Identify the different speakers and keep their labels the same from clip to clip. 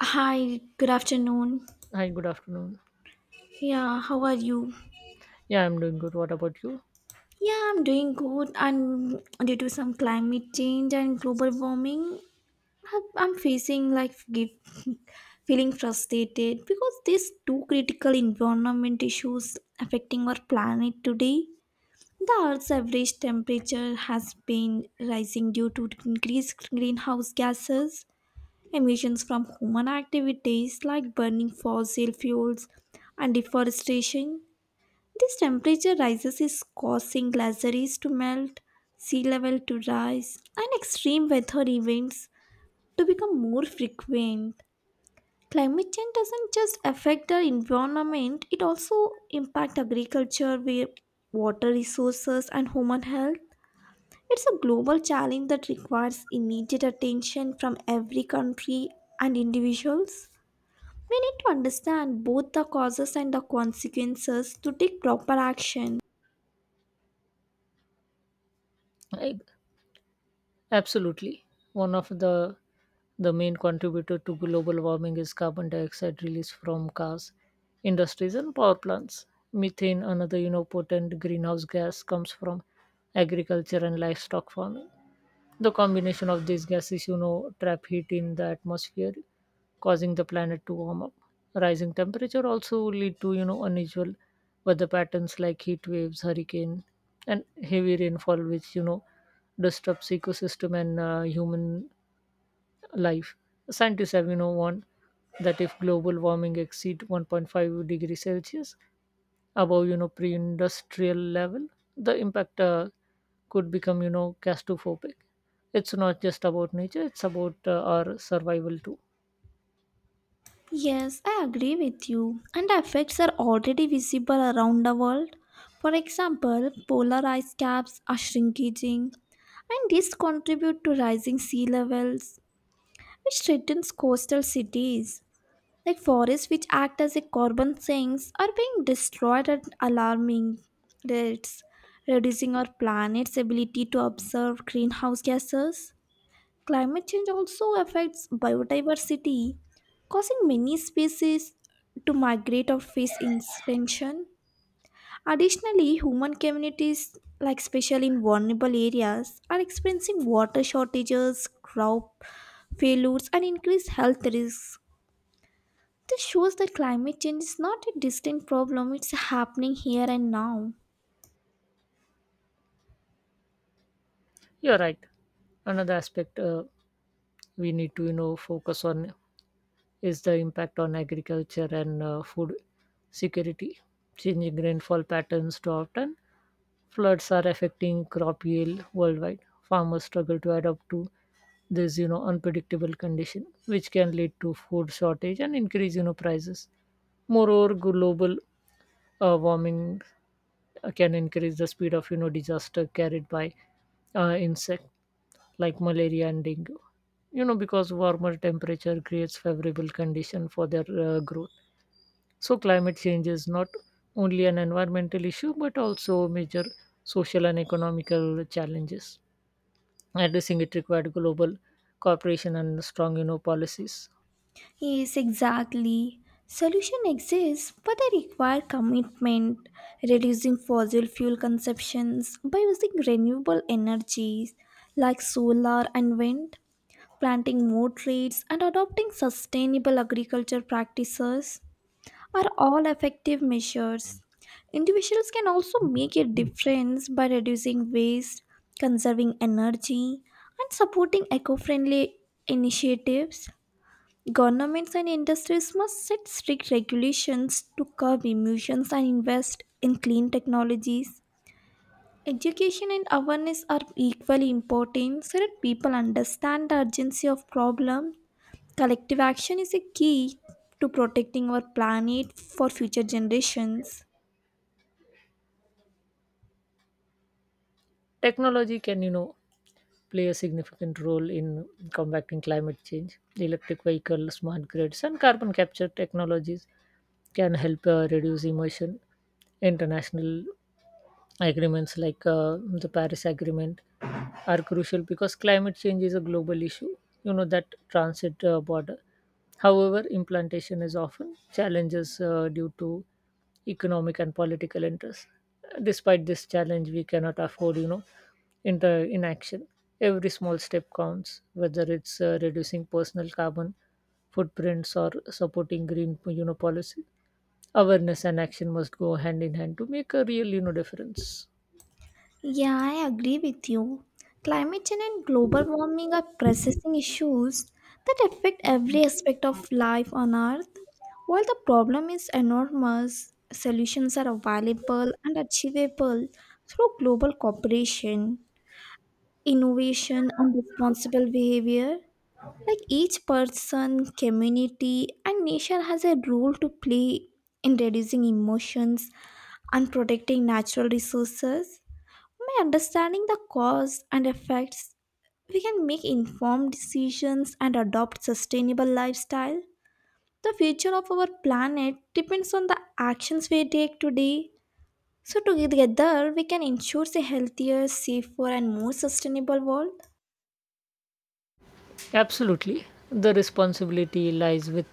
Speaker 1: Hi, good afternoon.
Speaker 2: Hi, good afternoon.
Speaker 1: Yeah, how are you?
Speaker 2: Yeah, I'm doing good. What about you?
Speaker 1: Yeah, I'm doing good. And due to some climate change and global warming, I'm facing feeling frustrated because these two critical environment issues affecting our planet today. The Earth's average temperature has been rising due to increased greenhouse gases, emissions from human activities like burning fossil fuels, and deforestation. This temperature rises is causing glaciers to melt, sea level to rise, and extreme weather events to become more frequent. Climate change doesn't just affect the environment, it also impacts agriculture, water resources, and human health. It's a global challenge that requires immediate attention from every country and individuals. We need to understand both the causes and the consequences to take proper action.
Speaker 2: I, absolutely. One of the main contributor to global warming is carbon dioxide released from cars, industries, and power plants. Methane, another potent greenhouse gas, comes from agriculture and livestock farming. The combination of these gases trap heat in the atmosphere, causing the planet to warm up. Rising temperature also lead to unusual weather patterns like heat waves, hurricane, and heavy rainfall, which disrupts ecosystem and human life. Scientists have warned that if global warming exceed 1.5 degrees Celsius, above pre-industrial level the impact could become claustrophobic. It's not just about nature, it's about our survival too.
Speaker 1: Yes, I agree with you. And the effects are already visible around the world. For example, polar ice caps are shrinking, and this contribute to rising sea levels, which threatens coastal cities. Like forests which act as a carbon sinks are being destroyed at alarming rates, reducing our planet's ability to absorb greenhouse gases. Climate change also affects biodiversity, causing many species to migrate or face extinction. Additionally, human communities, like especially in vulnerable areas, are experiencing water shortages, crop failures, and increased health risks. This shows that climate change is not a distant problem, it's happening here and now.
Speaker 2: You're right. Another aspect we need to focus on is the impact on agriculture and food security. Changing rainfall patterns too often, floods are affecting crop yield worldwide. Farmers struggle to adapt to this, unpredictable condition, which can lead to food shortage and increase, prices. Moreover, global warming can increase the speed of, disaster carried by insect like malaria and dengue. Because warmer temperature creates favorable condition for their growth. So, climate change is not only an environmental issue but also major social and economical challenges. Addressing it required global cooperation and strong, policies.
Speaker 1: Yes, exactly. Solution exists, but they require commitment, reducing fossil fuel consumptions by using renewable energies like solar and wind, planting more trees, and adopting sustainable agriculture practices are all effective measures. Individuals can also make a difference by reducing waste, conserving energy, and supporting eco friendly initiatives. Governments and industries must set strict regulations to curb emissions and invest in clean technologies. Education and awareness are equally important so that people understand the urgency of problem. Collective action is a key to protecting our planet for future generations.
Speaker 2: Technology can, play a significant role in combating climate change. Electric vehicles, smart grids, and carbon capture technologies can help reduce emission. International agreements like the Paris Agreement are crucial because climate change is a global issue, that transit border. However, implantation is often challenges due to economic and political interests. Despite this challenge, we cannot afford, inaction. Every small step counts, whether it's reducing personal carbon footprints or supporting green, policy. Awareness and action must go hand in hand to make a real, difference.
Speaker 1: Yeah, I agree with you. Climate change and global warming are pressing issues that affect every aspect of life on Earth. While the problem is enormous, solutions are available and achievable through global cooperation, innovation, and responsible behavior. Like each person, community, and nation has a role to play in reducing emotions and protecting natural resources. By understanding the cause and effects, we can make informed decisions and adopt sustainable lifestyle. The future of our planet depends on the actions we take today. So together we can ensure a healthier, safer and more sustainable world.
Speaker 2: Absolutely, the responsibility lies with,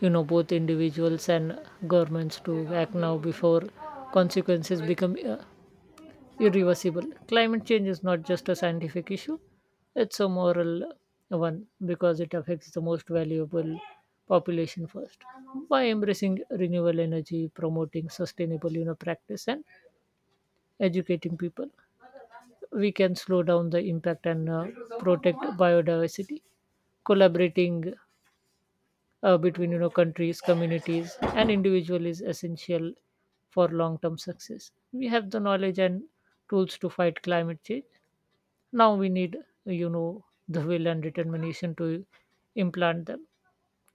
Speaker 2: both individuals and governments to act now before consequences become irreversible. Climate change is not just a scientific issue, it's a moral one because it affects the most valuable population first. By embracing renewable energy, promoting sustainable practice, and educating people, we can slow down the impact and protect biodiversity. Collaborating between countries, communities, and individual is essential for long-term success. We have the knowledge and tools to fight climate change. Now we need you know the will and determination to implant them.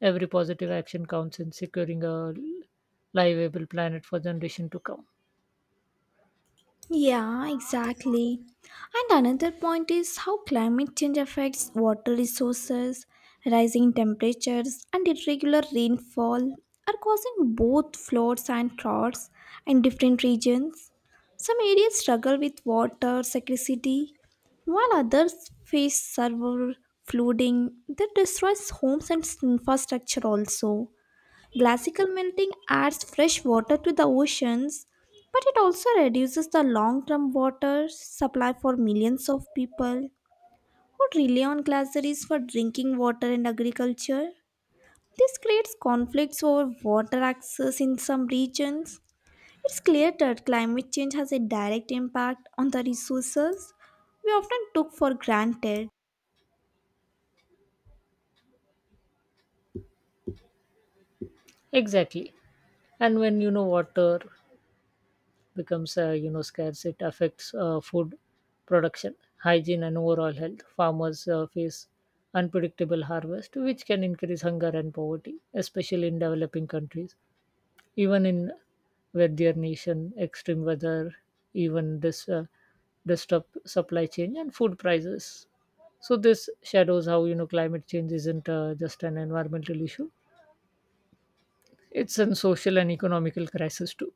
Speaker 2: Every positive action counts in securing a livable planet for generation to come.
Speaker 1: Yeah, exactly. And another point is how climate change affects water resources, rising temperatures, and irregular rainfall are causing both floods and droughts in different regions. Some areas struggle with water scarcity, while others face severe flooding that destroys homes and infrastructure also. Glacial melting adds fresh water to the oceans, but it also reduces the long term water supply for millions of people who rely on glaciers for drinking water and agriculture. This creates conflicts over water access in some regions. It's clear that climate change has a direct impact on the resources we often took for granted.
Speaker 2: Exactly. And when water becomes scarce, it affects food production, hygiene, and overall health. Farmers face unpredictable harvest, which can increase hunger and poverty, especially in developing countries. Even in weather nation, extreme weather, even this disrupt supply chain and food prices. So this shadows how climate change isn't just an environmental issue; it's a social and economical crisis too.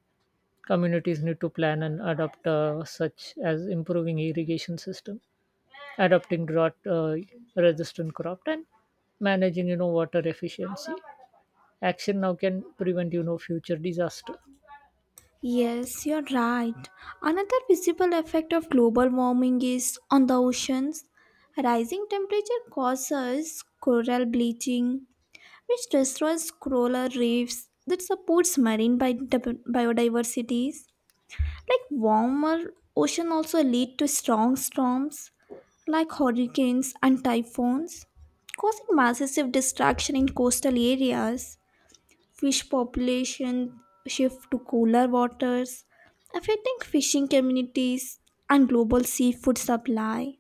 Speaker 2: Communities need to plan and adopt, such as improving irrigation system, adopting drought-resistant crop, and managing water efficiency. Action now can prevent future disaster.
Speaker 1: Yes, you're right. Another visible effect of global warming is on the oceans. Rising temperature causes coral bleaching, which destroys coral reefs that supports marine biodiversities. Like warmer ocean also lead to strong storms like hurricanes and typhoons, causing massive destruction in coastal areas. Fish population shift to cooler waters, affecting fishing communities and global seafood supply.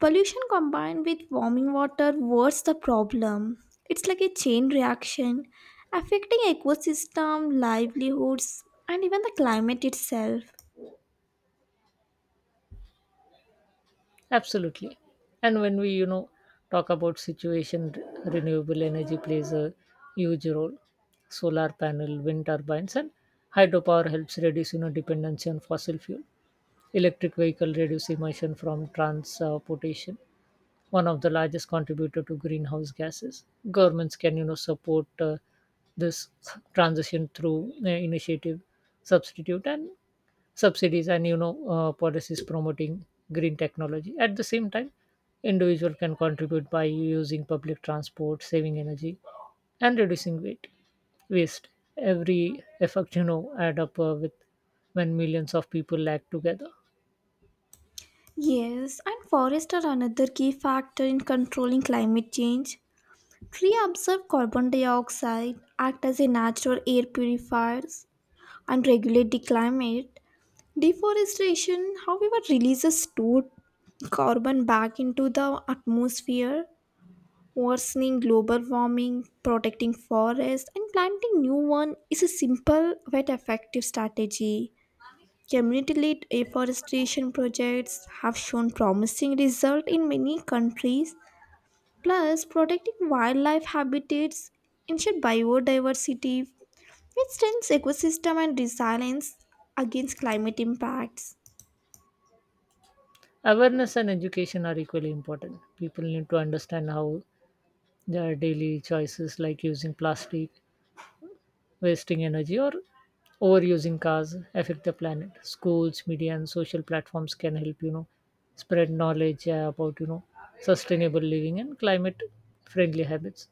Speaker 1: Pollution combined with warming water worsens the problem. It's like a chain reaction, affecting ecosystem, livelihoods, and even the climate itself.
Speaker 2: Absolutely. And when we, talk about situation, renewable energy plays a huge role. Solar panel, wind turbines, and hydropower helps reduce, dependency on fossil fuel. Electric vehicle reduce emission from transportation, one of the largest contributor to greenhouse gases. Governments can, support this transition through initiative, substitute, and subsidies and policies promoting green technology. At the same time, individual can contribute by using public transport, saving energy, and reducing weight waste. Every effect add up with when millions of people act together.
Speaker 1: Yes, and forests are another key factor in controlling climate change. Trees absorb carbon dioxide, act as a natural air purifiers, and regulate the climate. Deforestation, however, releases stored carbon back into the atmosphere, worsening global warming. Protecting forests, and planting new one is a simple yet effective strategy. Community-led afforestation projects have shown promising results in many countries. Plus, protecting wildlife habitats ensure biodiversity. It strengthens ecosystem and resilience against climate impacts.
Speaker 2: Awareness and education are equally important. People need to understand how their daily choices like using plastic, wasting energy, or overusing cars affect the planet. Schools, media, and social platforms can help spread knowledge about sustainable living and climate friendly habits.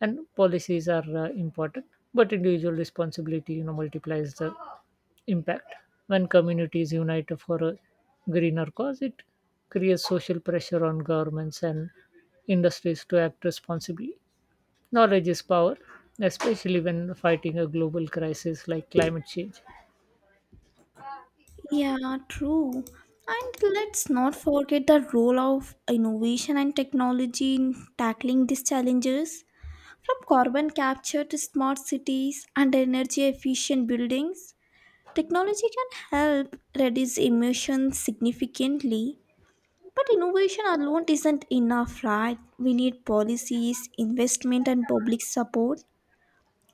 Speaker 2: And policies are important, but individual responsibility multiplies the impact. When communities unite for a greener cause, it creates social pressure on governments and industries to act responsibly. Knowledge is power, especially when fighting a global crisis like climate change.
Speaker 1: Yeah, true. And let's not forget the role of innovation and technology in tackling these challenges. From carbon capture to smart cities and energy efficient buildings, technology can help reduce emissions significantly. But innovation alone isn't enough, right? We need policies, investment, and public support.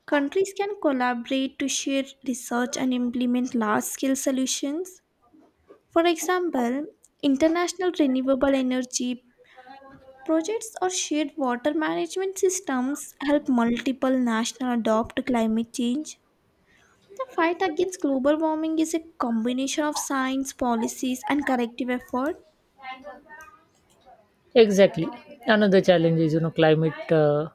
Speaker 1: Countries can collaborate to share research and implement large scale solutions. For example, international renewable energy projects or shared water management systems help multiple nations adopt climate change. The fight against global warming is a combination of science, policies, and collective effort.
Speaker 2: Exactly. Another challenge is, climate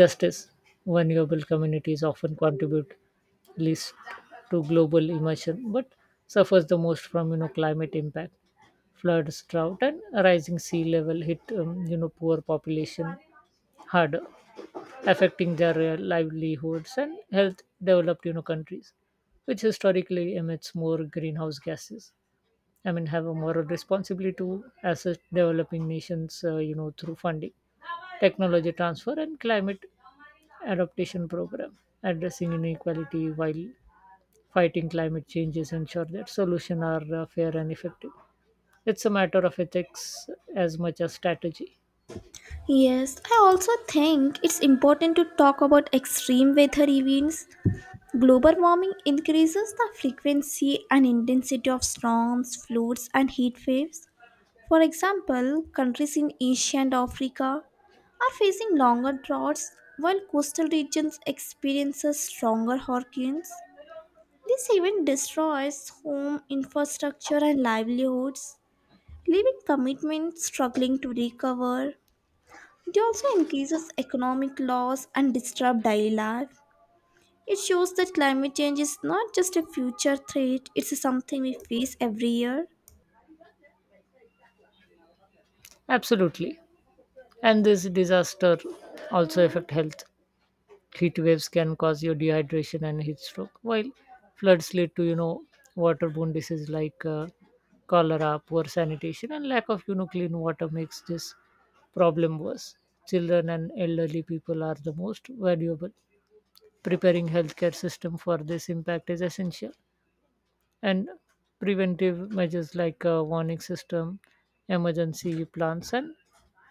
Speaker 2: justice. Vulnerable communities often contribute least to global emission, but suffers the most from, climate impact. Floods, drought, and rising sea level hit, poor population harder, affecting their livelihoods and health. Developed, countries, which historically emits more greenhouse gases. I mean, have a moral responsibility to assist developing nations, through funding, technology transfer, and climate adaptation program, addressing inequality while fighting climate changes, ensure that solutions are fair and effective. It's a matter of ethics as much as strategy.
Speaker 1: Yes, I also think it's important to talk about extreme weather events. Global warming increases the frequency and intensity of storms, floods, and heat waves. For example, countries in Asia and Africa are facing longer droughts while coastal regions experience stronger hurricanes. This even destroys home infrastructure and livelihoods, leaving commitments struggling to recover. It also increases economic loss and disrupts daily life. It shows that climate change is not just a future threat, it's something we face every year.
Speaker 2: Absolutely, and this disaster also affect health. Heat waves can cause you dehydration and heat stroke, while floods lead to waterborne diseases like cholera. Poor sanitation and lack of clean water makes this problem worse. Children and elderly people are the most valuable. Preparing healthcare system for this impact is essential, and preventive measures like warning system, emergency plans, and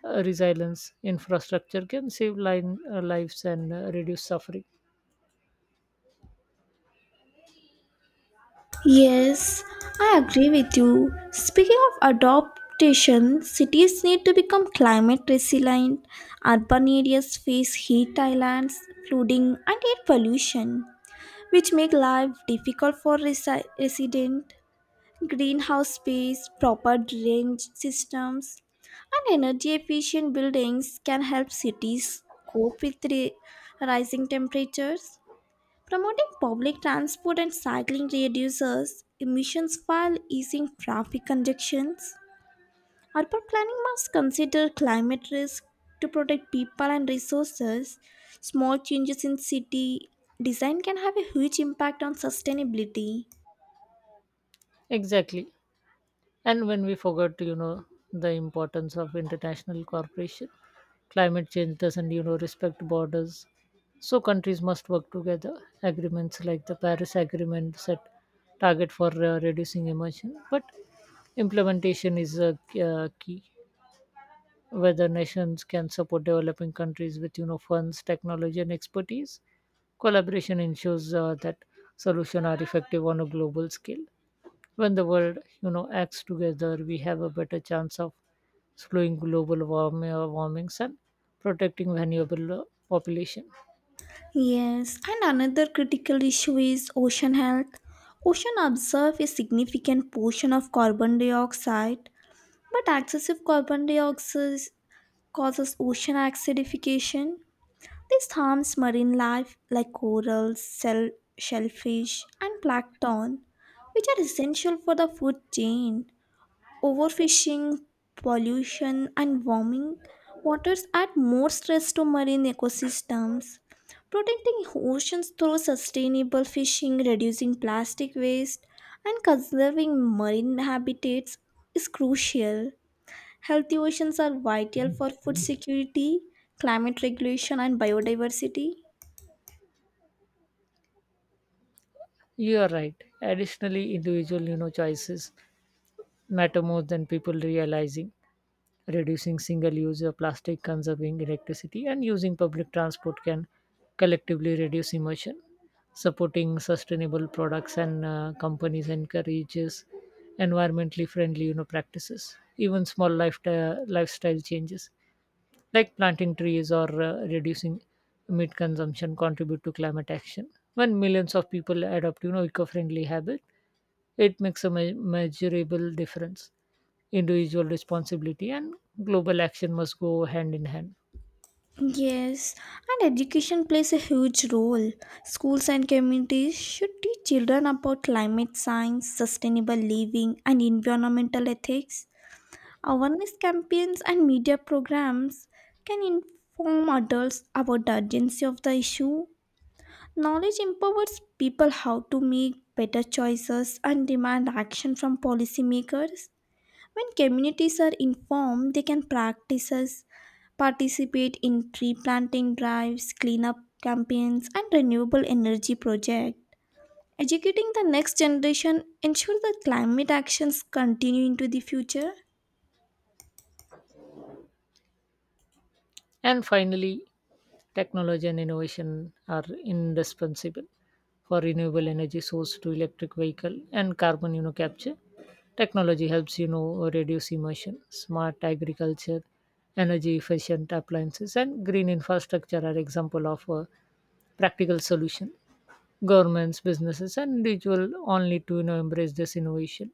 Speaker 2: resilience infrastructure can save lives and reduce suffering.
Speaker 1: Yes, I agree with you. Speaking of adaptation, cities need to become climate resilient. Urban areas face heat islands, flooding, and air pollution, which make life difficult for residents. Greenhouse space, proper drainage systems, and energy efficient buildings can help cities cope with rising temperatures. Promoting public transport and cycling reduces emissions while easing traffic congestions. Urban planning must consider climate risk to protect people and resources. Small changes in city design can have a huge impact on sustainability.
Speaker 2: Exactly. And when we forgot, the importance of international cooperation, climate change doesn't, respect borders. So countries must work together. Agreements like the Paris Agreement set target for reducing emission, but implementation is a key. Whether nations can support developing countries with, funds, technology, and expertise, collaboration ensures that solutions are effective on a global scale. When the world acts together, we have a better chance of slowing global warmings and protecting vulnerable population.
Speaker 1: Yes, and another critical issue is ocean health. Ocean absorb a significant portion of carbon dioxide, but excessive carbon dioxide causes ocean acidification. This harms marine life like corals, shellfish, and plankton, which are essential for the food chain. Overfishing, pollution, and warming waters add more stress to marine ecosystems. Protecting oceans through sustainable fishing, reducing plastic waste, and conserving marine habitats is crucial. Healthy oceans are vital for food security, climate regulation, and biodiversity.
Speaker 2: You are right. Additionally, individual choices matter more than people realizing. Reducing single use plastic, conserving electricity, and using public transport can collectively reduce emission. Supporting sustainable products and companies encourages environmentally friendly practices. Even small lifestyle changes like planting trees or reducing meat consumption contribute to climate action. When millions of people adopt eco friendly habits, it makes a measurable difference. Individual responsibility and global action must go hand in hand.
Speaker 1: Yes, and education plays a huge role. Schools and communities should teach children about climate science, sustainable living, and environmental ethics. Awareness campaigns and media programs can inform adults about the urgency of the issue. Knowledge empowers people how to make better choices and demand action from policymakers. When communities are informed, they can participate in tree planting drives, cleanup campaigns, and renewable energy projects. Educating the next generation ensure that climate actions continue into the future.
Speaker 2: And finally, technology and innovation are indispensable. For renewable energy source to electric vehicle and carbon capture technology helps reduce emission. Smart agriculture, energy efficient appliances, and green infrastructure are example of a practical solution. Governments, businesses, and individuals all need to embrace this innovation.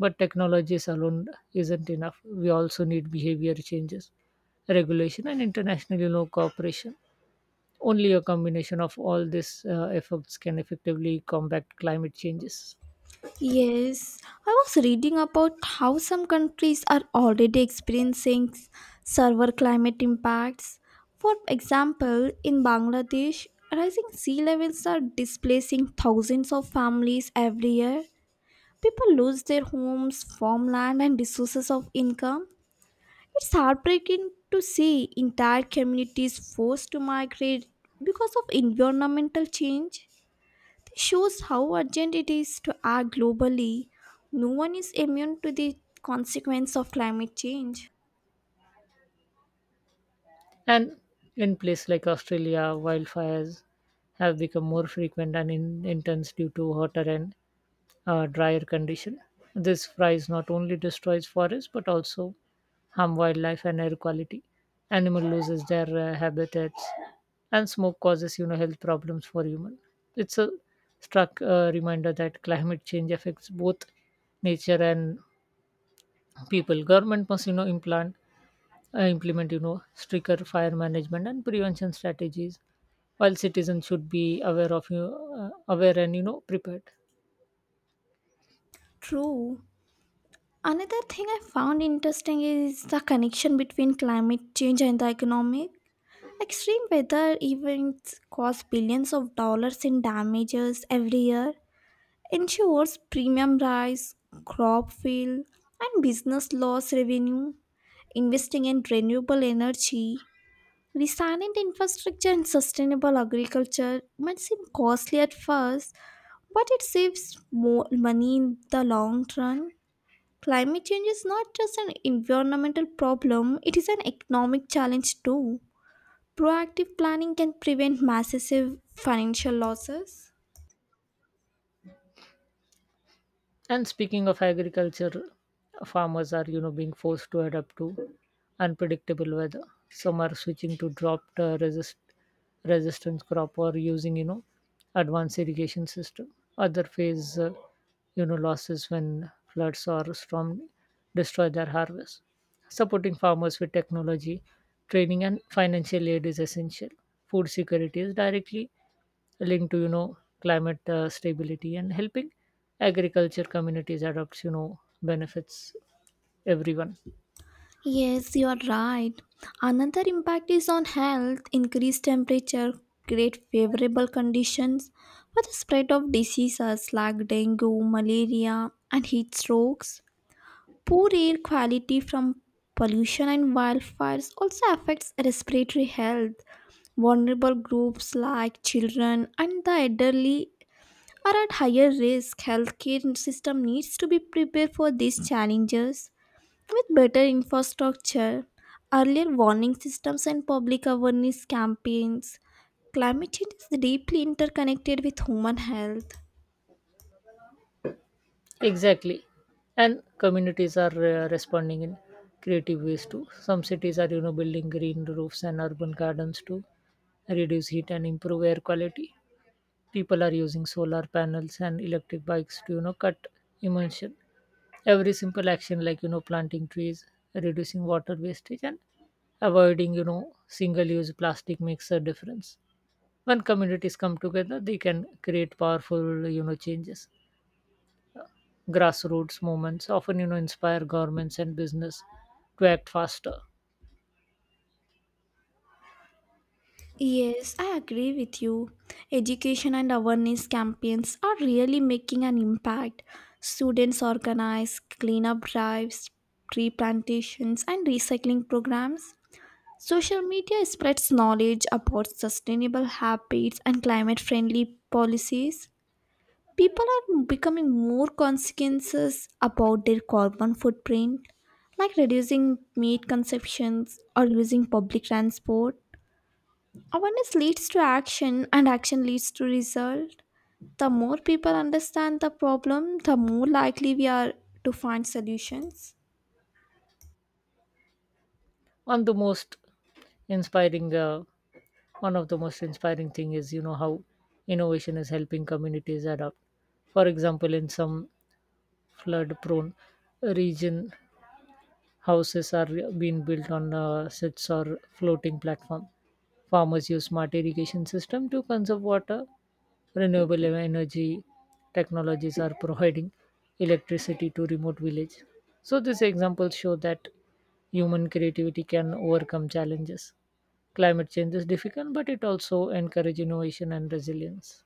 Speaker 2: But technologies alone isn't enough. We also need behavior changes, regulation, and international cooperation. Only a combination of all these efforts can effectively combat climate changes.
Speaker 1: Yes, I was reading about how some countries are already experiencing severe climate impacts. For example, in Bangladesh, rising sea levels are displacing thousands of families every year. People lose their homes, farmland, and resources of income. It's heartbreaking to see entire communities forced to migrate because of environmental change. It shows how urgent it is to act globally. No one is immune to the consequence of climate change.
Speaker 2: And in places like Australia, wildfires have become more frequent and intense due to hotter and drier condition. This fries not only destroys forests but also harm wildlife and air quality. Animal loses their habitats, and smoke causes health problems for human. It's a struck reminder that climate change affects both nature and people. Government must implant implement stricter fire management and prevention strategies, while citizens should be aware and prepared.
Speaker 1: True. Another thing I found interesting is the connection between climate change and the economic. Extreme weather events cause billions of dollars in damages every year, ensures premium rice, crop field, and business loss revenue, investing in renewable energy, resilient infrastructure, and sustainable agriculture might seem costly at first, but it saves more money in the long run. Climate change is not just an environmental problem, it is an economic challenge too. Proactive planning can prevent massive financial losses.
Speaker 2: And speaking of agriculture, farmers are being forced to adapt to unpredictable weather. Some are switching to drought resistant crop or using advanced irrigation system. Other face losses when floods or storm destroy their harvest. Supporting farmers with technology, training, and financial aid is essential. Food security is directly linked to climate stability, and helping agriculture communities adopt benefits everyone.
Speaker 1: Yes, you are right. Another impact is on health. Increased temperature create favorable conditions for the spread of diseases like dengue, malaria, and heat strokes. Poor air quality from pollution and wildfires also affects respiratory health. Vulnerable groups like children and the elderly are at higher risk. Healthcare system needs to be prepared for these challenges. With better infrastructure, earlier warning systems, and public awareness campaigns, climate change is deeply interconnected with human health.
Speaker 2: Exactly. And communities are responding in creative ways too. Some cities are building green roofs and urban gardens to reduce heat and improve air quality. People are using solar panels and electric bikes to cut emission. Every simple action like planting trees, reducing water wastage, and avoiding single use plastic makes a difference. When communities come together, they can create powerful changes. Grassroots movements often inspire governments and business to act faster.
Speaker 1: Yes, I agree with you. Education and awareness campaigns are really making an impact. Students organize cleanup drives, tree plantations, and recycling programs. Social media spreads knowledge about sustainable habits and climate friendly policies. People are becoming more conscientious about their carbon footprint, like reducing meat consumptions or using public transport. Awareness leads to action and action leads to result. The more people understand the problem, the more likely we are to find solutions.
Speaker 2: one the most inspiring uh, One of the most inspiring thing is how innovation is helping communities adapt. For example, in some flood prone region, houses are being built on sets or floating platform. Farmers use smart irrigation system to conserve water. Renewable energy technologies are providing electricity to remote village. So these examples show that human creativity can overcome challenges. Climate change is difficult, but it also encourages innovation and resilience.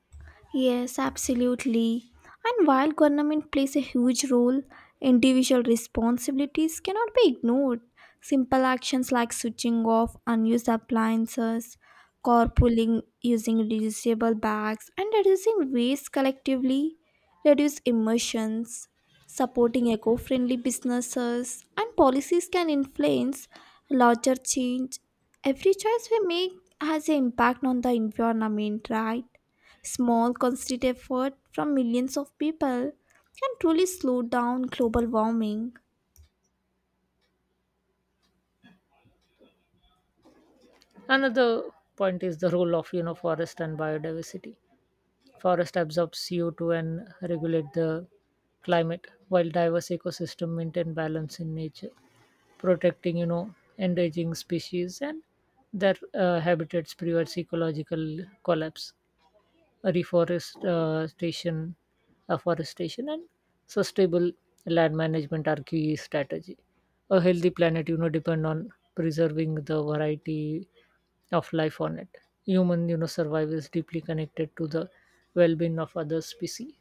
Speaker 1: Yes, absolutely. And while government plays a huge role, individual responsibilities cannot be ignored. Simple actions like switching off unused appliances, carpooling using reusable bags, and reducing waste collectively reduce emissions. Supporting eco friendly businesses and policies can influence larger change. Every choice we make has an impact on the environment, right? Small, concerted effort from millions of people can truly slow down global warming.
Speaker 2: Another point is the role of forest and biodiversity. Forest absorbs CO2 and regulate the climate, while diverse ecosystems maintain balance in nature, protecting, endangered species and their habitats prevents ecological collapse. Reforestation, afforestation, and sustainable land management are key strategy. A healthy planet, depend on preserving the variety of life on it. Human, survival is deeply connected to the well-being of other species.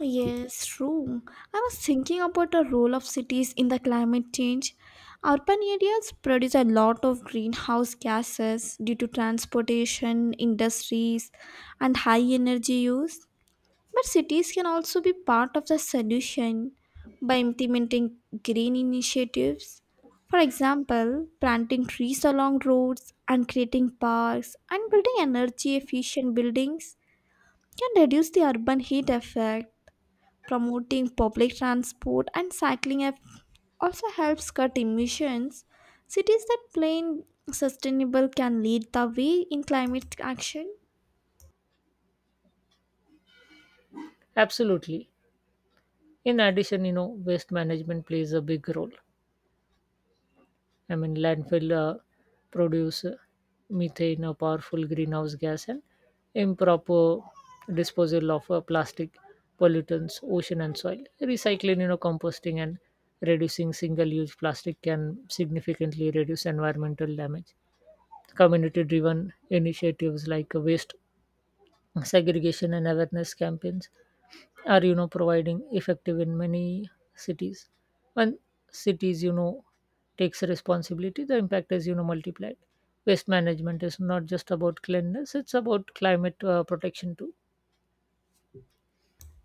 Speaker 1: Yes, true. I was thinking about the role of cities in the climate change. Urban areas produce a lot of greenhouse gases due to transportation, industries, and high energy use. But cities can also be part of the solution by implementing green initiatives. For example, planting trees along roads and creating parks and building energy efficient buildings can reduce the urban heat effect. Promoting public transport and cycling also helps cut emissions. Cities that plan sustainable can lead the way in climate action.
Speaker 2: Absolutely. In addition, waste management plays a big role. I mean, landfill produce methane, a powerful greenhouse gas, and improper disposal of plastic pollutants, ocean and soil. Recycling, composting, and reducing single-use plastic can significantly reduce environmental damage. Community-driven initiatives like waste segregation and awareness campaigns are providing effective in many cities. When cities takes responsibility, the impact is multiplied. Waste management is not just about cleanliness, it's about climate protection too.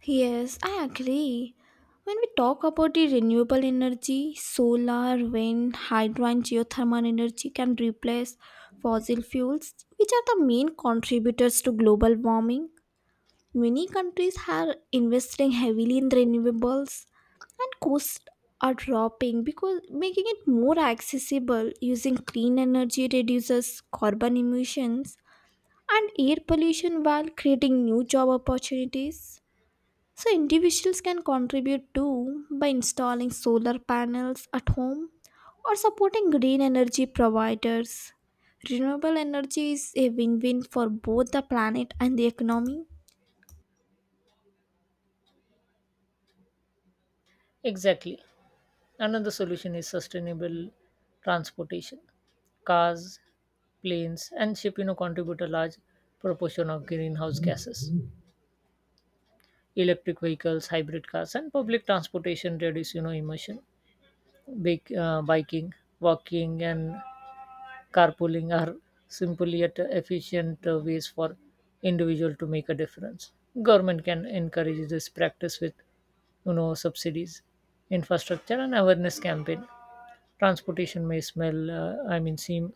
Speaker 1: Yes, I agree. When we talk about the renewable energy, solar, wind, hydro, and geothermal energy can replace fossil fuels, which are the main contributors to global warming. Many countries are investing heavily in renewables, and costs are dropping because making it more accessible using clean energy reduces carbon emissions and air pollution while creating new job opportunities. So, individuals can contribute too by installing solar panels at home or supporting green energy providers. Renewable energy is a win win for both the planet and the economy.
Speaker 2: Exactly. Another solution is sustainable transportation. Cars, planes, and ship contribute a large proportion of greenhouse gases. Electric vehicles, hybrid cars, and public transportation reduce emission. Biking, walking, and carpooling are simply yet efficient ways for individual to make a difference. Government can encourage this practice with, subsidies, infrastructure, and awareness campaign. Transportation may seem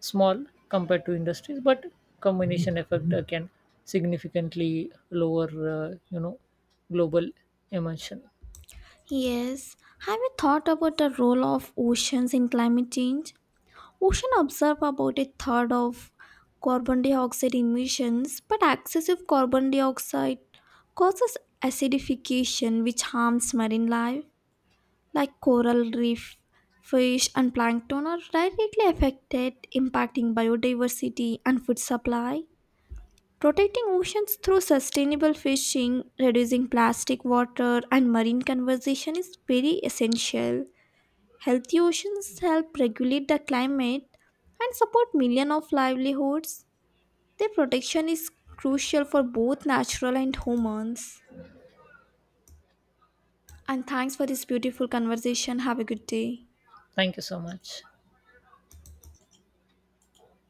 Speaker 2: small compared to industries, but combination effect can significantly lower, global emission.
Speaker 1: Yes, have you thought about the role of oceans in climate change? Oceans absorb about a third of carbon dioxide emissions, but excessive carbon dioxide causes acidification, which harms marine life. Like coral reef, fish, and plankton are directly affected, impacting biodiversity and food supply. Protecting oceans through sustainable fishing, reducing plastic water, and marine conservation is very essential. Healthy oceans help regulate the climate and support millions of livelihoods. Their protection is crucial for both natural and humans. And thanks for this beautiful conversation. Have a good day.
Speaker 2: Thank you so much.